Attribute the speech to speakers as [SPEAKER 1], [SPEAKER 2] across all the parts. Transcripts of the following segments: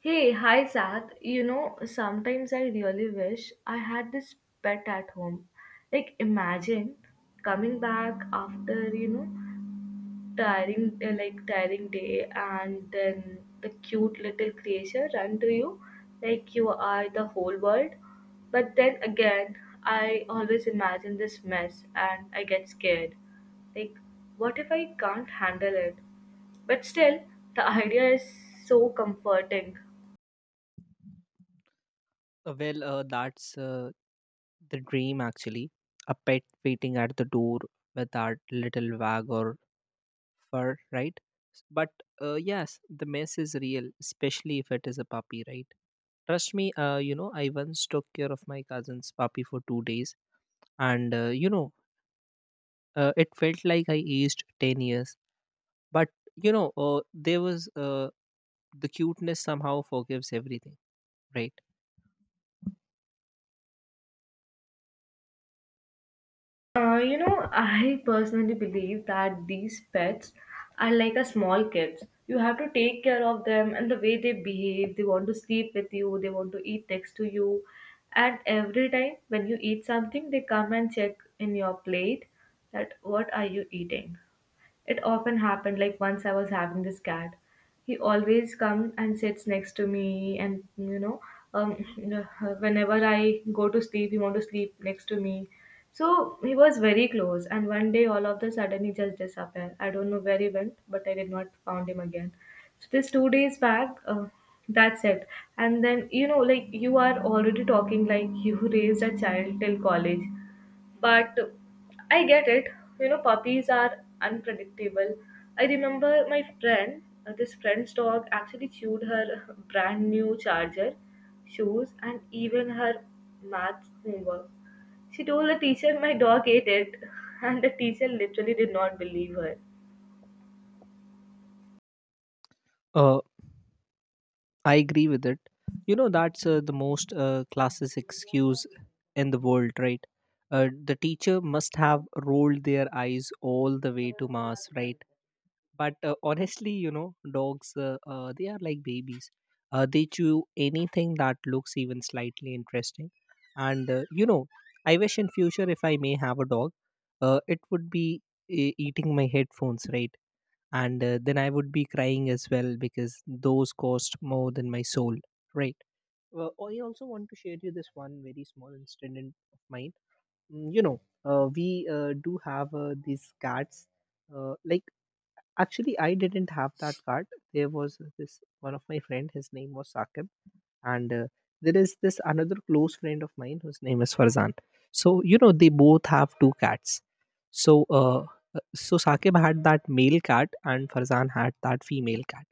[SPEAKER 1] Hey, hi Zach. You know, sometimes I really wish I had this pet at home. Like, imagine coming back after, you know, tiring day and then the cute little creature run to you like you are the whole world. But then again, I always imagine this mess and I get scared. Like, what if I can't handle it? But still, the idea is so comforting.
[SPEAKER 2] Well, that's the dream actually. A pet waiting at the door with our little wag or fur, right? But yes, the mess is real, especially if it is a puppy, right? Trust me, I once took care of my cousin's puppy for 2 days, and it felt like I aged 10 years. But there was the cuteness somehow forgives everything, right?
[SPEAKER 1] You know, I personally believe that these pets are like a small kids. You have to take care of them and the way they behave. They want to sleep with you, they want to eat next to you. And every time when you eat something, they come and check in your plate that what are you eating? It often happened like once I was having this cat. He always comes and sits next to me, and um, whenever I go to sleep, he wants to sleep next to me. So he was very close, and one day all of the sudden he just disappeared. I don't know where he went, but I did not found him again. So this 2 days back, that's it. And then you know, like you are already talking like you raised a child till college, but I get it. You know, puppies are unpredictable. I remember my friend, this friend's dog actually chewed her brand new charger, shoes, and even her math homework. She told the teacher my dog ate it, and the teacher literally did not believe her.
[SPEAKER 2] Uh, I agree with it. You know, that's the most classic excuse in the world, right? The teacher must have rolled their eyes all the way to Mars, right? But honestly, you know, dogs, they are like babies. They chew anything that looks even slightly interesting. And, uh, you know, I wish in future if I may have a dog, it would be eating my headphones, right? And then I would be crying as well because those cost more than my soul, right? Well, I also want to share you this one very small incident of mine. You know, we do have these cards. Uh, like, actually, I didn't have that card. There was this one of my friend. His name was Saqib and there is this another close friend of mine whose name is farzan, so you know they both have two cats. So so Saqib had that male cat and Farzan had that female cat.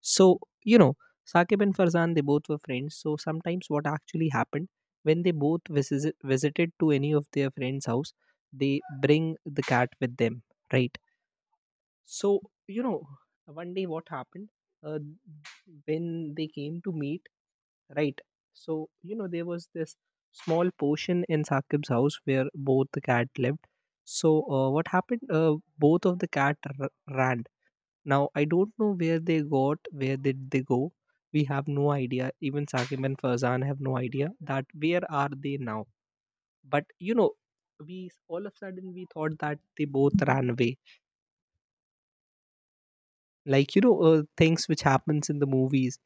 [SPEAKER 2] So, you know, Saqib and Farzan, they both were friends. So sometimes what actually happened when they both visited to any of their friends' house, they bring the cat with them, right? So, you know, one day what happened uh, when they came to meet, right. So you know there was this small portion in Saqib's house where both the cat lived. So what happened, both of the ran. Now I don't know where they got, where did they go. We have no idea, even Saqib and Farzan have no idea that where are they now. But you know, we all of a sudden we thought that they both ran away, like you know, things which happens in the movies.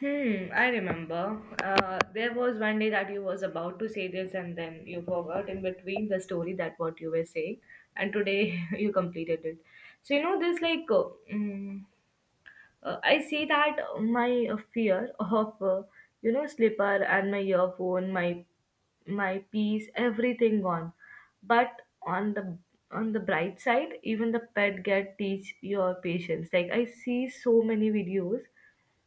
[SPEAKER 1] Hmm, I remember. There was one day that you was about to say this and then you forgot in between the story that what you were saying and today you completed it. So you know this mm, I see that my fear of you know slipper and my earphone, my piece, everything gone. But on the bright side, even the pet get teach your patience. Like I see so many videos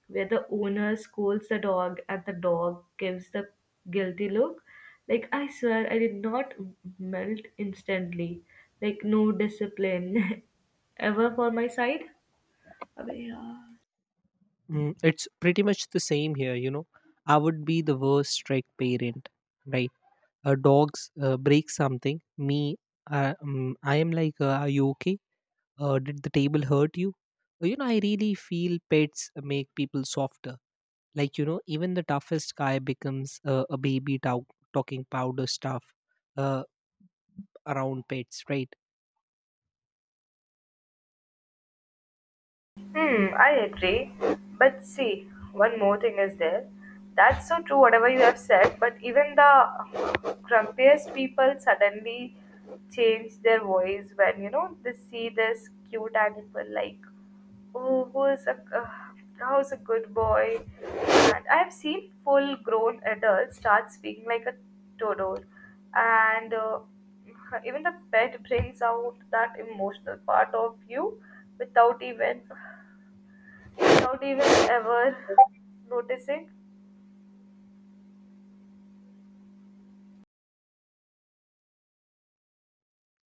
[SPEAKER 1] where the owner scolds the dog and the dog gives the guilty look. Like, I swear I did not melt instantly. Like, no discipline ever for my side. अबे यार
[SPEAKER 2] It's pretty much the same here, you know. I would be the worst strict parent, right? A dog's break something. I am like, are you okay? Did the table hurt you? You know, I really feel pets make people softer. Like you know, even the toughest guy becomes a baby talking powder stuff uh, around pets, right?
[SPEAKER 1] Hmm, I agree. But see, one more thing is there. That's so true, whatever you have said, but even the grumpiest people suddenly change their voice when, you know, they see this cute animal like, oh, who is how's a good boy? And I've seen full grown adults start speaking like a toddler. And even the pet brings out that emotional part of you without even without even ever noticing.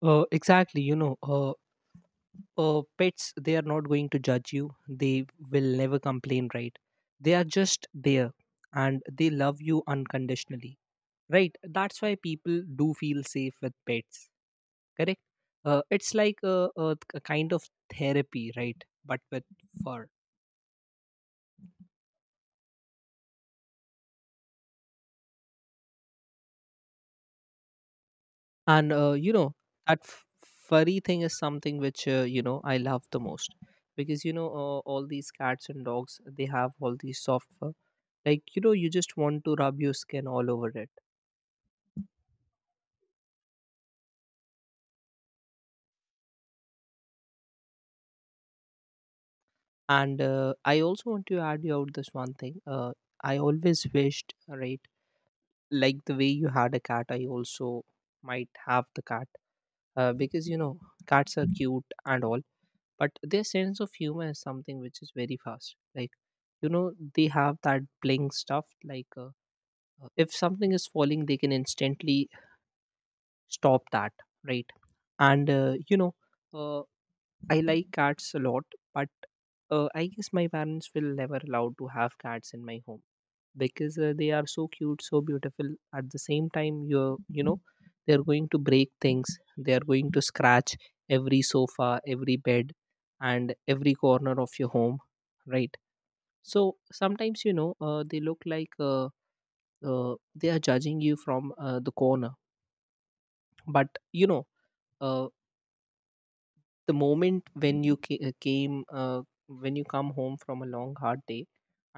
[SPEAKER 2] Exactly. Pets, they are not going to judge you, they will never complain, right? They are just there, and they love you unconditionally, right? That's why people do feel safe with pets. Correct. It's like a kind of therapy, right? But with fur. And you know, that furry thing is something which I love the most, because you know all these cats and dogs, they have all these soft fur, like you know, you just want to rub your skin all over it. And I also want to add you out this one thing. I always wished, right? Like the way you had a cat, I also might have the cat, because you know, cats are cute and all, but their sense of humor is something which is very fast. Like you know, they have that blink stuff, like if something is falling, they can instantly stop that, right? and you know uh, I like cats a lot, but I guess my parents will never allow to have cats in my home, because they are so cute, so beautiful. At the same time, you're, you know, they are going to break things. They are going to scratch every sofa, every bed, and every corner of your home, right? So sometimes you know they look like, they are judging you from the corner, but you know. Uh, the moment when you ca- came when you come home from a long hard day,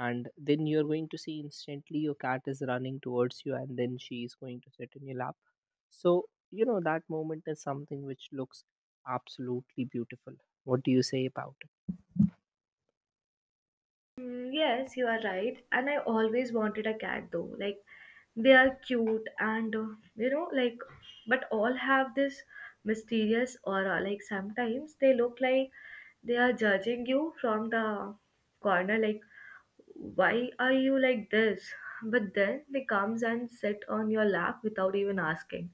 [SPEAKER 2] and then you're going to see instantly your cat is running towards you, and then she is going to sit in your lap. So you know, that moment is something which looks absolutely beautiful. What do you say about it?
[SPEAKER 1] Mm, yes, you are right. And I always wanted a cat though. Like, they are cute and, you know, like, but all have this mysterious aura. Like, sometimes they look like they are judging you from the corner. Like, why are you like this? But then they comes and sit on your lap without even asking.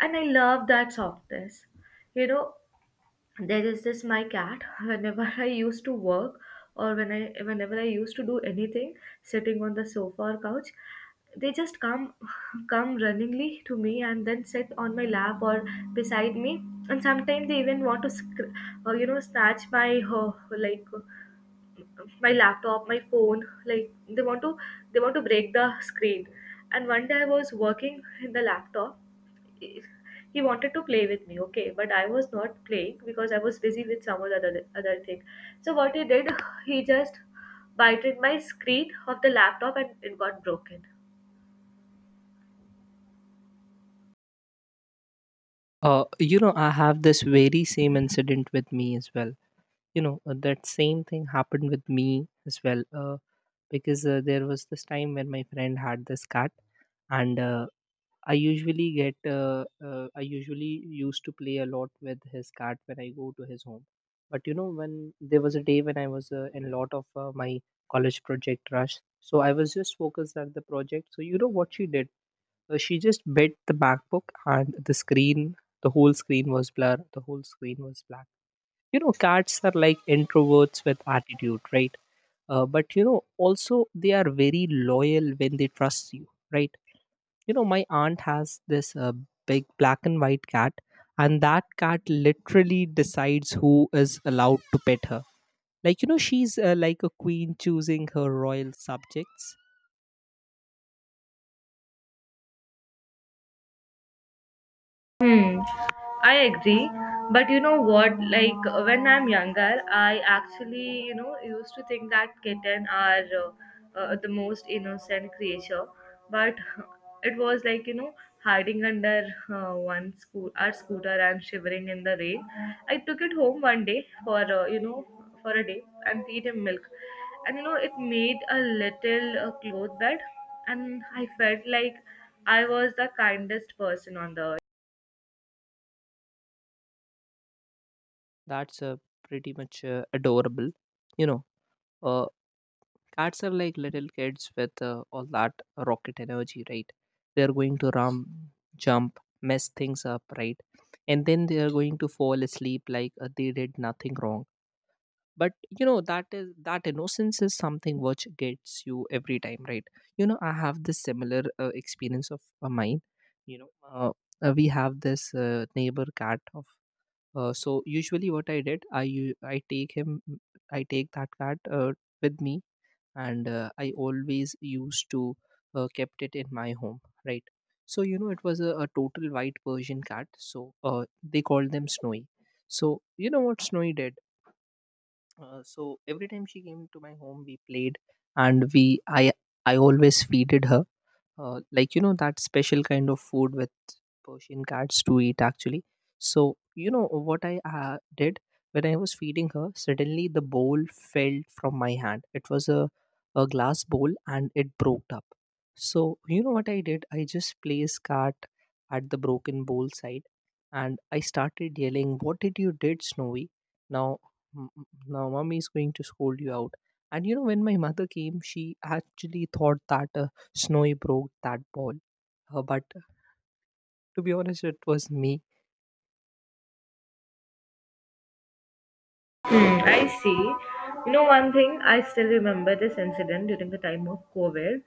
[SPEAKER 1] And I love that softness. You know, there is this my cat whenever I used to work or whenever I used to do anything sitting on the sofa or couch they just come come runningly to me and then sit on my lap or beside me and sometimes they even want to you know snatch my uh, like my laptop, my phone, like they want to break the screen. And one day I was working in the laptop. He wanted to play with me, okay, but I was not playing because I was busy with some other thing. So what he did, he just bited my screen of the laptop and it got broken.
[SPEAKER 2] I have this very same incident with me as well. You know, that same thing happened with me as well. Because there was this time when my friend had this cat, and I usually used to play a lot with his cat when I go to his home. But you know, when there was a day when I was in a lot of my college project rush, so I was just focused at the project. So you know what she did? She just bit the MacBook, and the screen, the whole screen was blur, the whole screen was black. You know, cats are like introverts with attitude, right? But you know, also they are very loyal when they trust you, right? You know, my aunt has this big black and white cat, and that cat literally decides who is allowed to pet her. Like you know, she's like a queen choosing her royal subjects.
[SPEAKER 1] Hmm, I agree. But you know what? When I'm younger, I actually, you know, used to think that kitten are the most innocent creature. But it was like, you know, hiding under our scooter and shivering in the rain. I took it home one day for, you know, for a day and feed him milk. And you know, it made a little cloth bed, and I felt like I was the kindest person on the earth.
[SPEAKER 2] That's pretty much adorable, you know. uh, Cats are like little kids with all that rocket energy, right? They're going to run, jump, mess things up, right? And then they are going to fall asleep like they did nothing wrong. But you know, that innocence is something which gets you every time, right? You know, I have this similar experience of mine. you know uh, we have this neighbor cat of so usually what I did, I take him, I take that cat with me, and I always used to kept it in my home, right? So you know, it was a total white Persian cat, so they called them Snowy. So you know what Snowy did? So every time she came to my home, we played, and we I always feeded her like you know, that special kind of food with Persian cats to eat actually. So you know what I did when I was feeding her? Suddenly the bowl fell from my hand. It was a glass bowl, and it broke up. So you know what I did? I just placed cat at the broken bowl side, and I started yelling, "What did you did, Snowy? Now, m- m- now, mommy is going to scold you out." And you know, when my mother came, she actually thought that Snowy broke that ball. But to be honest, it was me.
[SPEAKER 1] Hmm, I see. You know, one thing I still remember this incident during the time of COVID.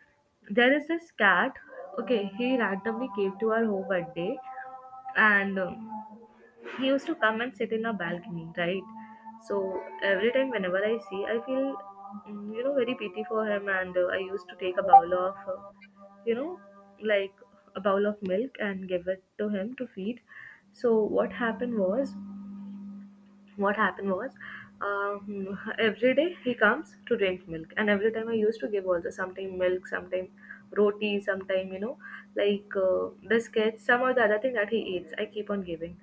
[SPEAKER 1] There is this cat. Okay, he randomly came to our home one day, and he used to come and sit in our balcony, right? So every time, whenever I see, I feel, mm, you know, very pity for him, and I used to take a bowl of, you know, like a bowl of milk and give it to him to feed. So what happened was every day he comes to drink milk and every time I used to give also sometime milk sometime roti sometime you know biscuits some or the other thing that he eats I keep on giving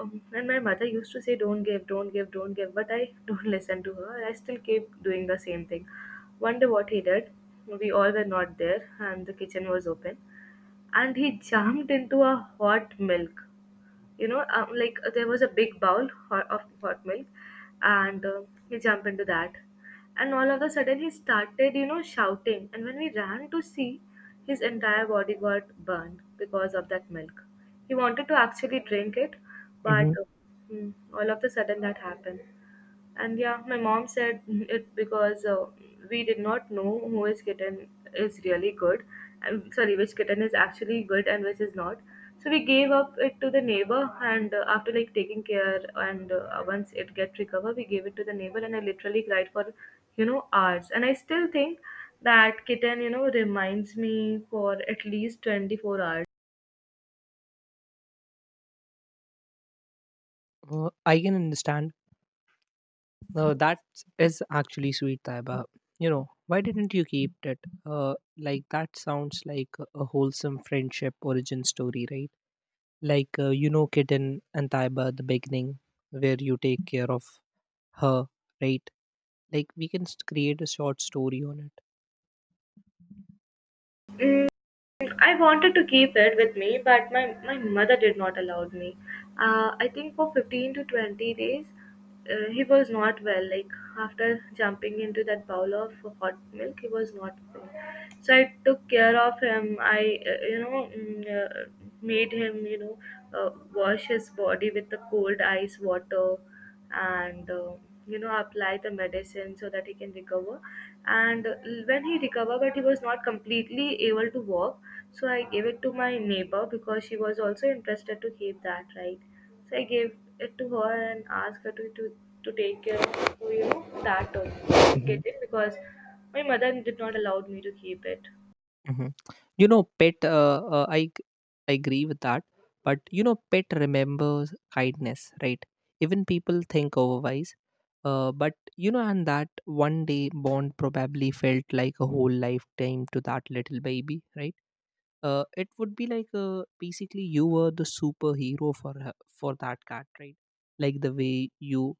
[SPEAKER 1] and my mother used to say don't give but I don't listen to her I still keep doing the same thing one day what he did we all were not there and the kitchen was open and he jumped into a hot milk you know there was a big bowl of hot milk and he jumped into that and all of a sudden he started you know shouting and when we ran to see his entire body got burned because of that milk he wanted to actually drink it but
[SPEAKER 2] Hmm.
[SPEAKER 1] hmm, all of a sudden that happened and yeah, my mom said it because we did not know who is kitten is really good, and sorry, which kitten is actually good and which is not. So we gave up it to the neighbor, and after like taking care and once it get recovered, we gave it to the neighbor, and I literally cried for you know hours. And I still think that kitten you know reminds me for at least 24 hours.
[SPEAKER 2] I can understand. That is actually sweet, Taiba. You know, why didn't you keep it? That sounds like a wholesome friendship origin story, right? Like, Kitten and Taiba at the beginning, where you take care of her, right? Like, we can create a short story on it.
[SPEAKER 1] Mm, I wanted to keep it with me, but my mother did not allow me. I think for 15 to 20 days, he was not well. Like after jumping into that bowl of hot milk, he was not well. So I took care of him. I made him, you know, wash his body with the cold ice water and you know apply the medicine so that he can recover and when he recovered but he was not completely able to walk so I gave it to my neighbor because she was also interested to keep that right so I gave it to her and asked her to take care of you know that get it because my mother did not allow me to keep it
[SPEAKER 2] Mhm. You know, pet. I agree with that, but you know, pet remembers kindness, right? Even people think otherwise. But you know, and that one day bond probably felt like a whole lifetime to that little baby, right? It would be like basically you were the superhero for her, for that cat, right? Like the way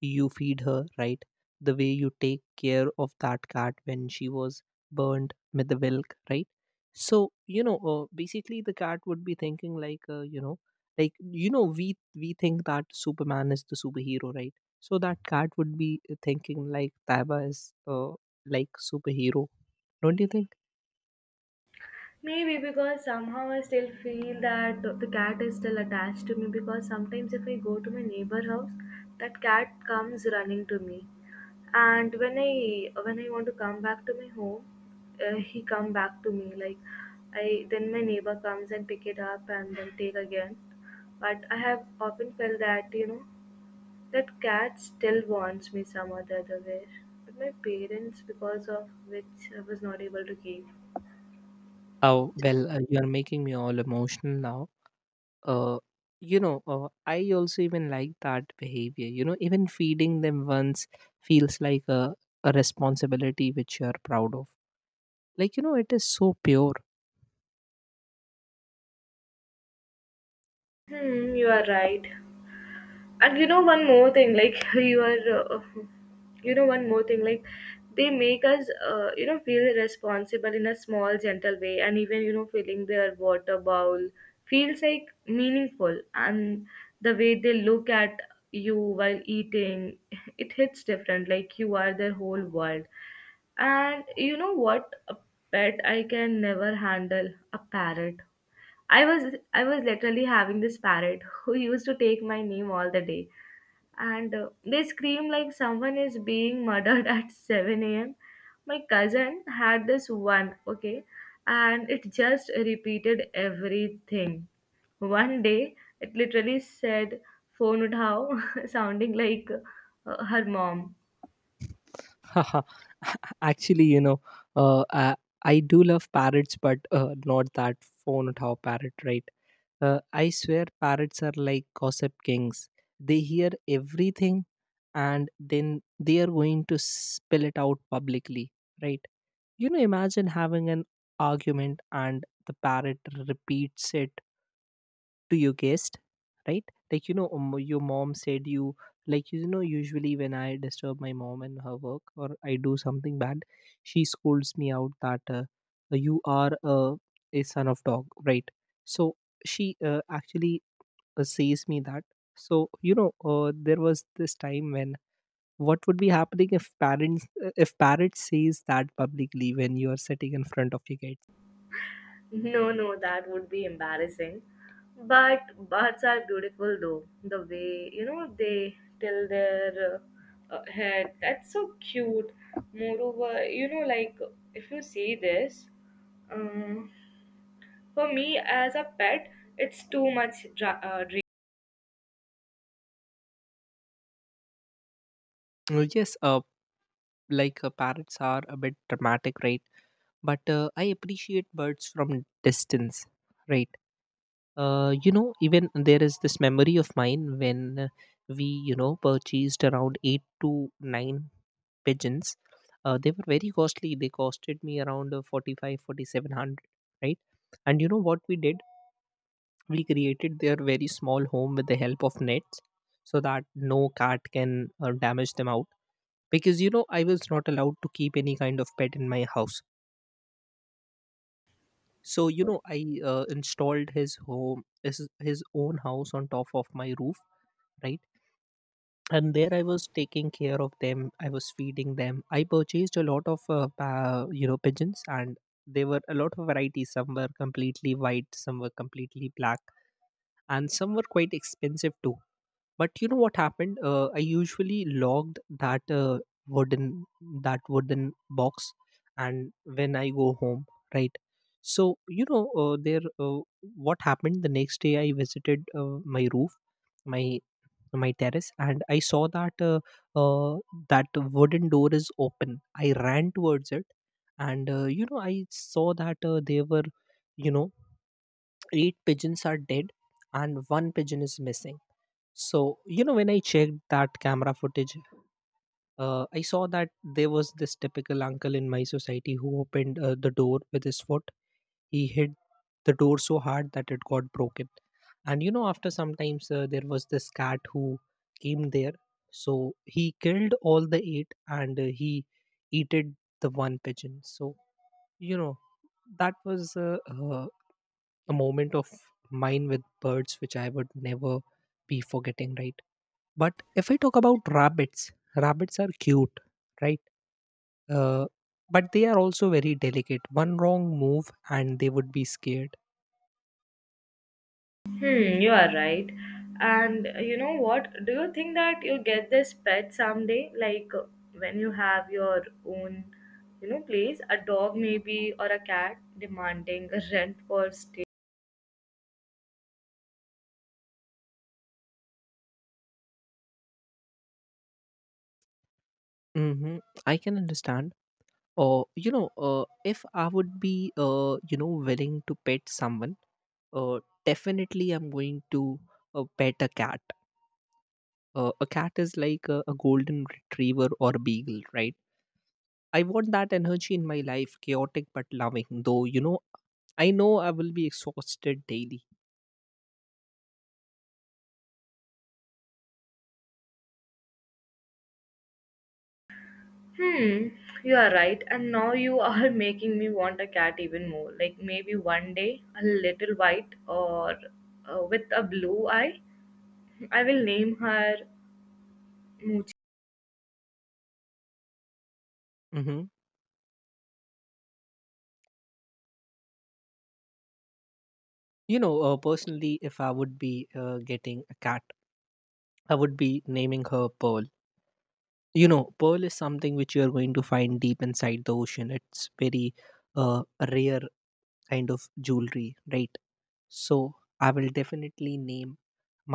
[SPEAKER 2] you feed her, right? The way you take care of that cat when she was burned with the milk, right? So you know basically the cat would be thinking like, like you know, we think that Superman is the superhero, right? So that cat would be thinking like Taiba is like superhero. Don't you think?
[SPEAKER 1] Maybe because somehow I still feel that the cat is still attached to me because sometimes if I go to my neighbor house, that cat comes running to me. And when I want to come back to my home, he come back to me like I then my neighbor comes and pick it up and then take again. But I have often felt that you know that cat still wants me some or the other way. But my parents, because of which I was not able to keep.
[SPEAKER 2] Oh, well, you're making me all emotional now. Uh, I also even like that behavior. You know, even feeding them once feels like a responsibility which you're proud of. Like, you know, it is so pure.
[SPEAKER 1] Hmm, you are right. And you know one more thing like you are uh, you know one more thing like they make us you know feel responsible in a small gentle way and even you know filling their water bowl feels like meaningful and the way they look at you while eating it hits different like you are their whole world and you know what a pet I can never handle a parrot I was I was literally having this parrot who used to take my name all the day and they scream like someone is being murdered at 7 a.m. My cousin had this one, okay, and it just repeated everything. One day, it literally said phone uthao, sounding like her mom.
[SPEAKER 2] Actually, you know, uh, I, I do love parrots, but not that phone tower parrot, right? I swear parrots are like gossip kings. They hear everything, and then they are going to spill it out publicly, right? You know, imagine having an argument and the parrot repeats it to your guest, right? Like, you know, your mom said you, like, you know, usually when I disturb my mom in her work or I do something bad, she scolds me out that you are a son of dog, right? So she actually says me that. So there was this time when what would be happening if parents says that publicly when you are sitting in front of your kids?
[SPEAKER 1] No, no, that would be embarrassing. But bats are beautiful though. The way, you know, they till their head. That's so cute. Moreover, you know, like if you see this, um, for me as a pet, it's too much dra- uh,
[SPEAKER 2] Yes. Parrots are a bit dramatic, right? But I appreciate birds from distance, right? Even there is this memory of mine when we, you know, purchased around eight to nine pigeons. They were very costly. They costed me around 45, 4,700, right? And you know what we did? We created their very small home with the help of nets so that no cat can damage them out. Because, you know, I was not allowed to keep any kind of pet in my house. So, you know, I installed his home, his own house on top of my roof, right? And there I was taking care of them. I was feeding them. I purchased a lot of pigeons, and there were a lot of varieties. Some were completely white, some were completely black, and some were quite expensive too. But you know what happened? I usually logged that wooden wooden box and when I go home, right? So you know there what happened the next day, I visited my roof, my my terrace, and I saw that uh, that wooden door is open. I ran towards it and you know, I saw that there were, you know, eight pigeons are dead and one pigeon is missing. So you know, when I checked that camera footage, I saw that there was this typical uncle in my society who opened the door with his foot. He hit the door so hard that it got broken. And you know, after sometimes there was this cat who came there. So he killed all the eight and he eated the one pigeon. So, you know, that was a moment of mine with birds which I would never be forgetting, right? But if I talk about rabbits, rabbits are cute, right? Uh, but they are also very delicate. One wrong move and they would be scared.
[SPEAKER 1] Hmm, you are right. And you know what? Do you think that you get this pet someday? When you have your own, you know, place, a dog maybe or a cat demanding a rent for stay.
[SPEAKER 2] Mm-hmm. I can understand. Or you know, if I would be, you know, willing to pet someone, uh, definitely I'm going to pet a cat. A cat is like a golden retriever or a beagle, right? I want that energy in my life, chaotic but loving. Though you know I will be exhausted daily.
[SPEAKER 1] Hmm, you are right. And now you are making me want a cat even more. Like maybe one day a little white or with a blue eye. I will name her Moochie.
[SPEAKER 2] Hmm. You know, personally, if I would be getting a cat, I would be naming her Pearl. You know, pearl is something which you are going to find deep inside the ocean. It's very uh, rare kind of jewelry, right? So I will definitely name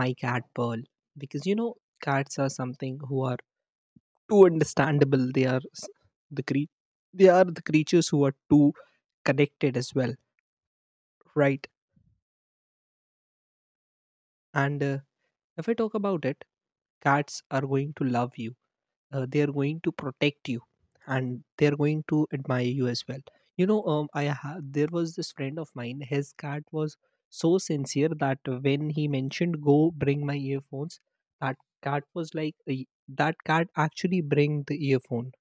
[SPEAKER 2] my cat Pearl, because you know, cats are something who are too understandable. The cre- they are the creatures who are too connected as well, right? And if I talk about it, cats are going to love you. They are going to protect you and they are going to admire you as well. You know, there was this friend of mine. His cat was so sincere that when he mentioned go bring my earphones, that cat was that cat actually bring the earphone.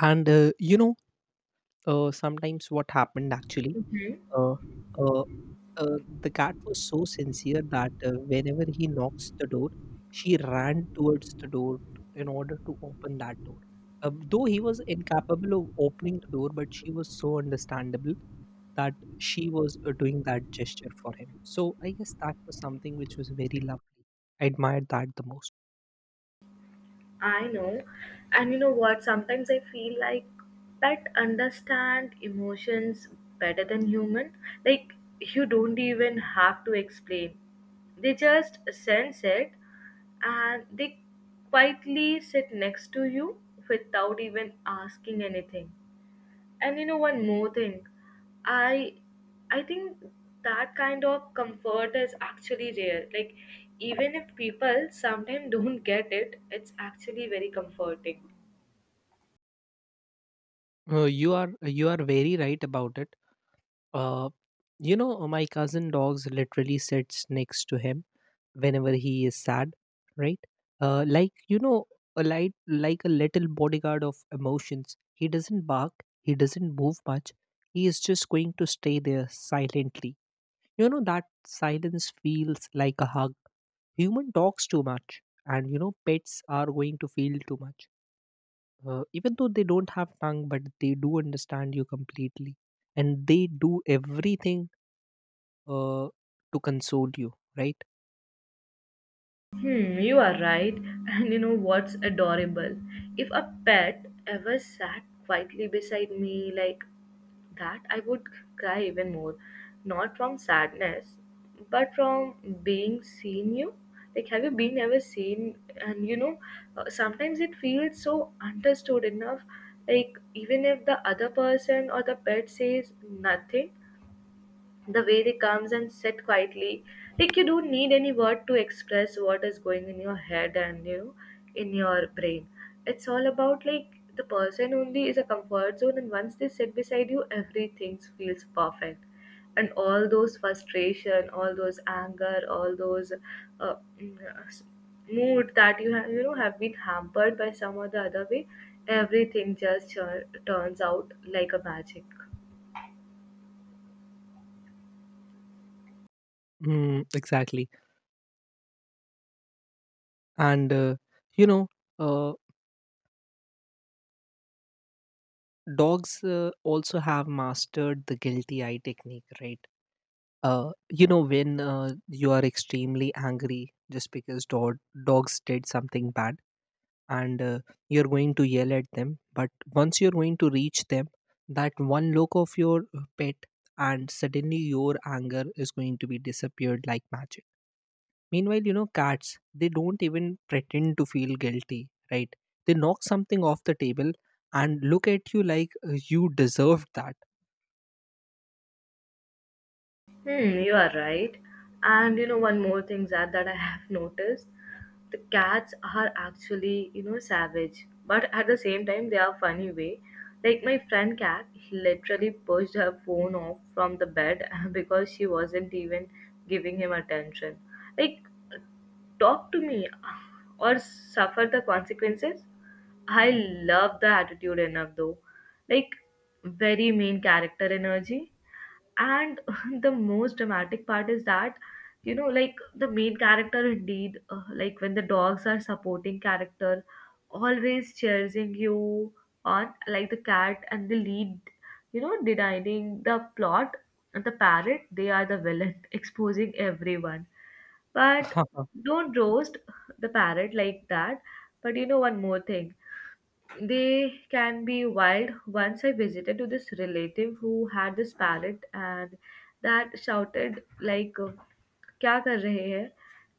[SPEAKER 2] And sometimes what happened actually.
[SPEAKER 1] Mhm.
[SPEAKER 2] Uh, uh, the cat was so sincere that whenever he knocks the door, she ran towards the door in order to open that door. Though he was incapable of opening the door, but she was so understandable that she was doing that gesture for him. So I guess that was something which was very lovely. I admired that the most.
[SPEAKER 1] I know. And you know what? Sometimes I feel like pet understand emotions better than human. Like you don't even have to explain. They just sense it, and they quietly sit next to you without even asking anything. And you know one more thing, i I think that kind of comfort is actually rare. Like, even if people sometimes don't get it, it's actually very comforting.
[SPEAKER 2] You are you are very right about it. Uh, you know, my cousin dogs literally sits next to him whenever he is sad, right? Like you know, a light like a little bodyguard of emotions. He doesn't bark, he doesn't move much. He is just going to stay there silently. You know, that silence feels like a hug. Human talks too much, and you know, pets are going to feel too much. Even though they don't have tongue, but they do understand you completely and they do everything uh, to console you, right?
[SPEAKER 1] Hmm, you are right. And you know what's adorable? If a pet ever sat quietly beside me like that, I would cry even more. Not from sadness, but from being seen you. Like, have you been ever seen? And you know, sometimes it feels so understood enough. Like, even if the other person or the pet says nothing, the way they comes and sit quietly, like you don't need any word to express what is going in your head, and you know, in your brain, it's all about like the person only is a comfort zone, and once they sit beside you everything feels perfect. And all those frustration, all those anger, all those uh, mm, uh, s- mood that you have have been hampered by some or the other way, everything just turns out like a magic.
[SPEAKER 2] Mm, exactly. And you know, uh, dogs also have mastered the guilty eye technique, right? You know, when you are extremely angry just because dogs did something bad, and you're going to yell at them, but once you're going to reach them, that one look of your pet, and suddenly your anger is going to be disappeared like magic. Meanwhile, you know, cats, they don't even pretend to feel guilty, right? They knock something off the table and look at you like you deserved that.
[SPEAKER 1] Hmm, you are right. And you know, one more thing, that I have noticed the cats are actually, you know, savage, but at the same time, they are funny way. Like, my friend cat literally pushed her phone off from the bed because she wasn't even giving him attention. Like, talk to me, or suffer the consequences. I love the attitude enough though. Like, very main character energy. And the most dramatic part is that, you know, like the main character indeed, like when the dogs are supporting character, always cheering you on, like the cat and the lead, you know, denying the plot, and the parrot, they are the villain, exposing everyone. But don't roast the parrot like that. But you know, one more thing, they can be wild. Once I visited to this relative who had this parrot, and that shouted like क्या कर रहे हैं,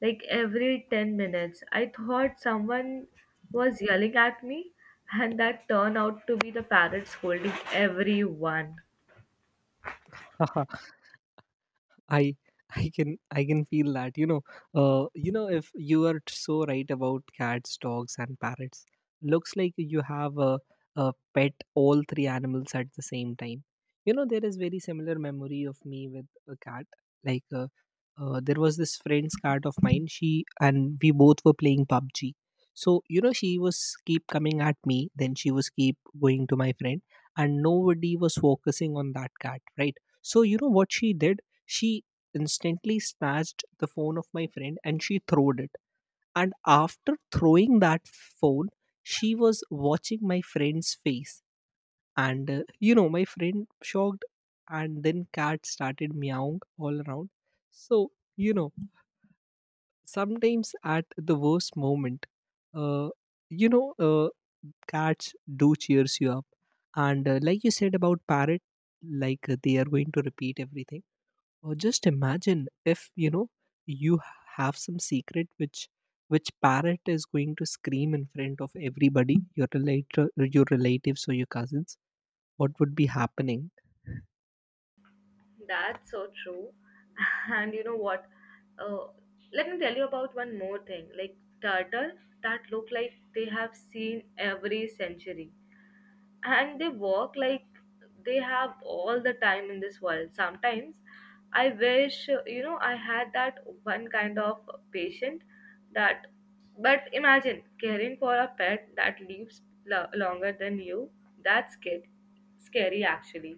[SPEAKER 1] like every 10 minutes. I thought someone was yelling at me, and that turned out to be the parrot scolding everyone.
[SPEAKER 2] I I can feel that. You know, you know, if you are so right about cats, dogs and parrots, looks like you have a pet all three animals at the same time. You know, there is very similar memory of me with a cat. like uh, there was this friend's cat of mine. She and we both were playing PUBG. So you know, she was keep coming at me, then she was keep going to my friend, and nobody was focusing on that cat, right? So you know what she did? She instantly snatched the phone of my friend and she throwed it. And after throwing that phone, she was watching my friend's face. And you know, my friend shocked, and then cat started meowing all around. So you know, sometimes at the worst moment, uh, you know, uh, cats do cheers you up. And like you said about parrot, they are going to repeat everything. Or just imagine, if you know, you have some secret which parrot is going to scream in front of everybody, your relator, your relatives or your cousins. What would be happening?
[SPEAKER 1] That's so true. And you know what? Uh, let me tell you about one more thing. Like turtle that look like they have seen every century, and they work like they have all the time in this world. Sometimes I wish, you know, I had that one kind of patient that. But imagine caring for a pet that lives longer than you. That's scary, scary actually.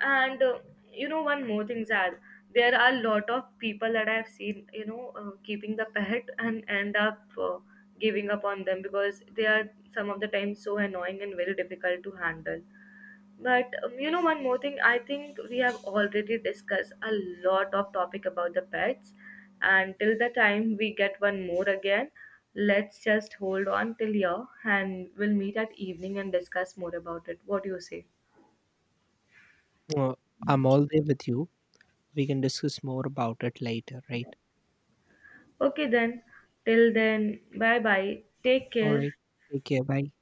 [SPEAKER 1] And you know, one more thing, Zad, there are a lot of people that I've seen, you know, keeping the pet and end up giving up on them because they are some of the times so annoying and very difficult to handle. But you know, one more thing, I think we have already discussed a lot of topic about the pets, and till the time we get one more again, let's just hold on till here, and we'll meet at evening and discuss more about it. What do you say?
[SPEAKER 2] Uh, I'm all there with you. We can discuss more about it later, right?
[SPEAKER 1] Okay, then, till then, bye bye. Take
[SPEAKER 2] All
[SPEAKER 1] care.
[SPEAKER 2] right. Take care. Bye.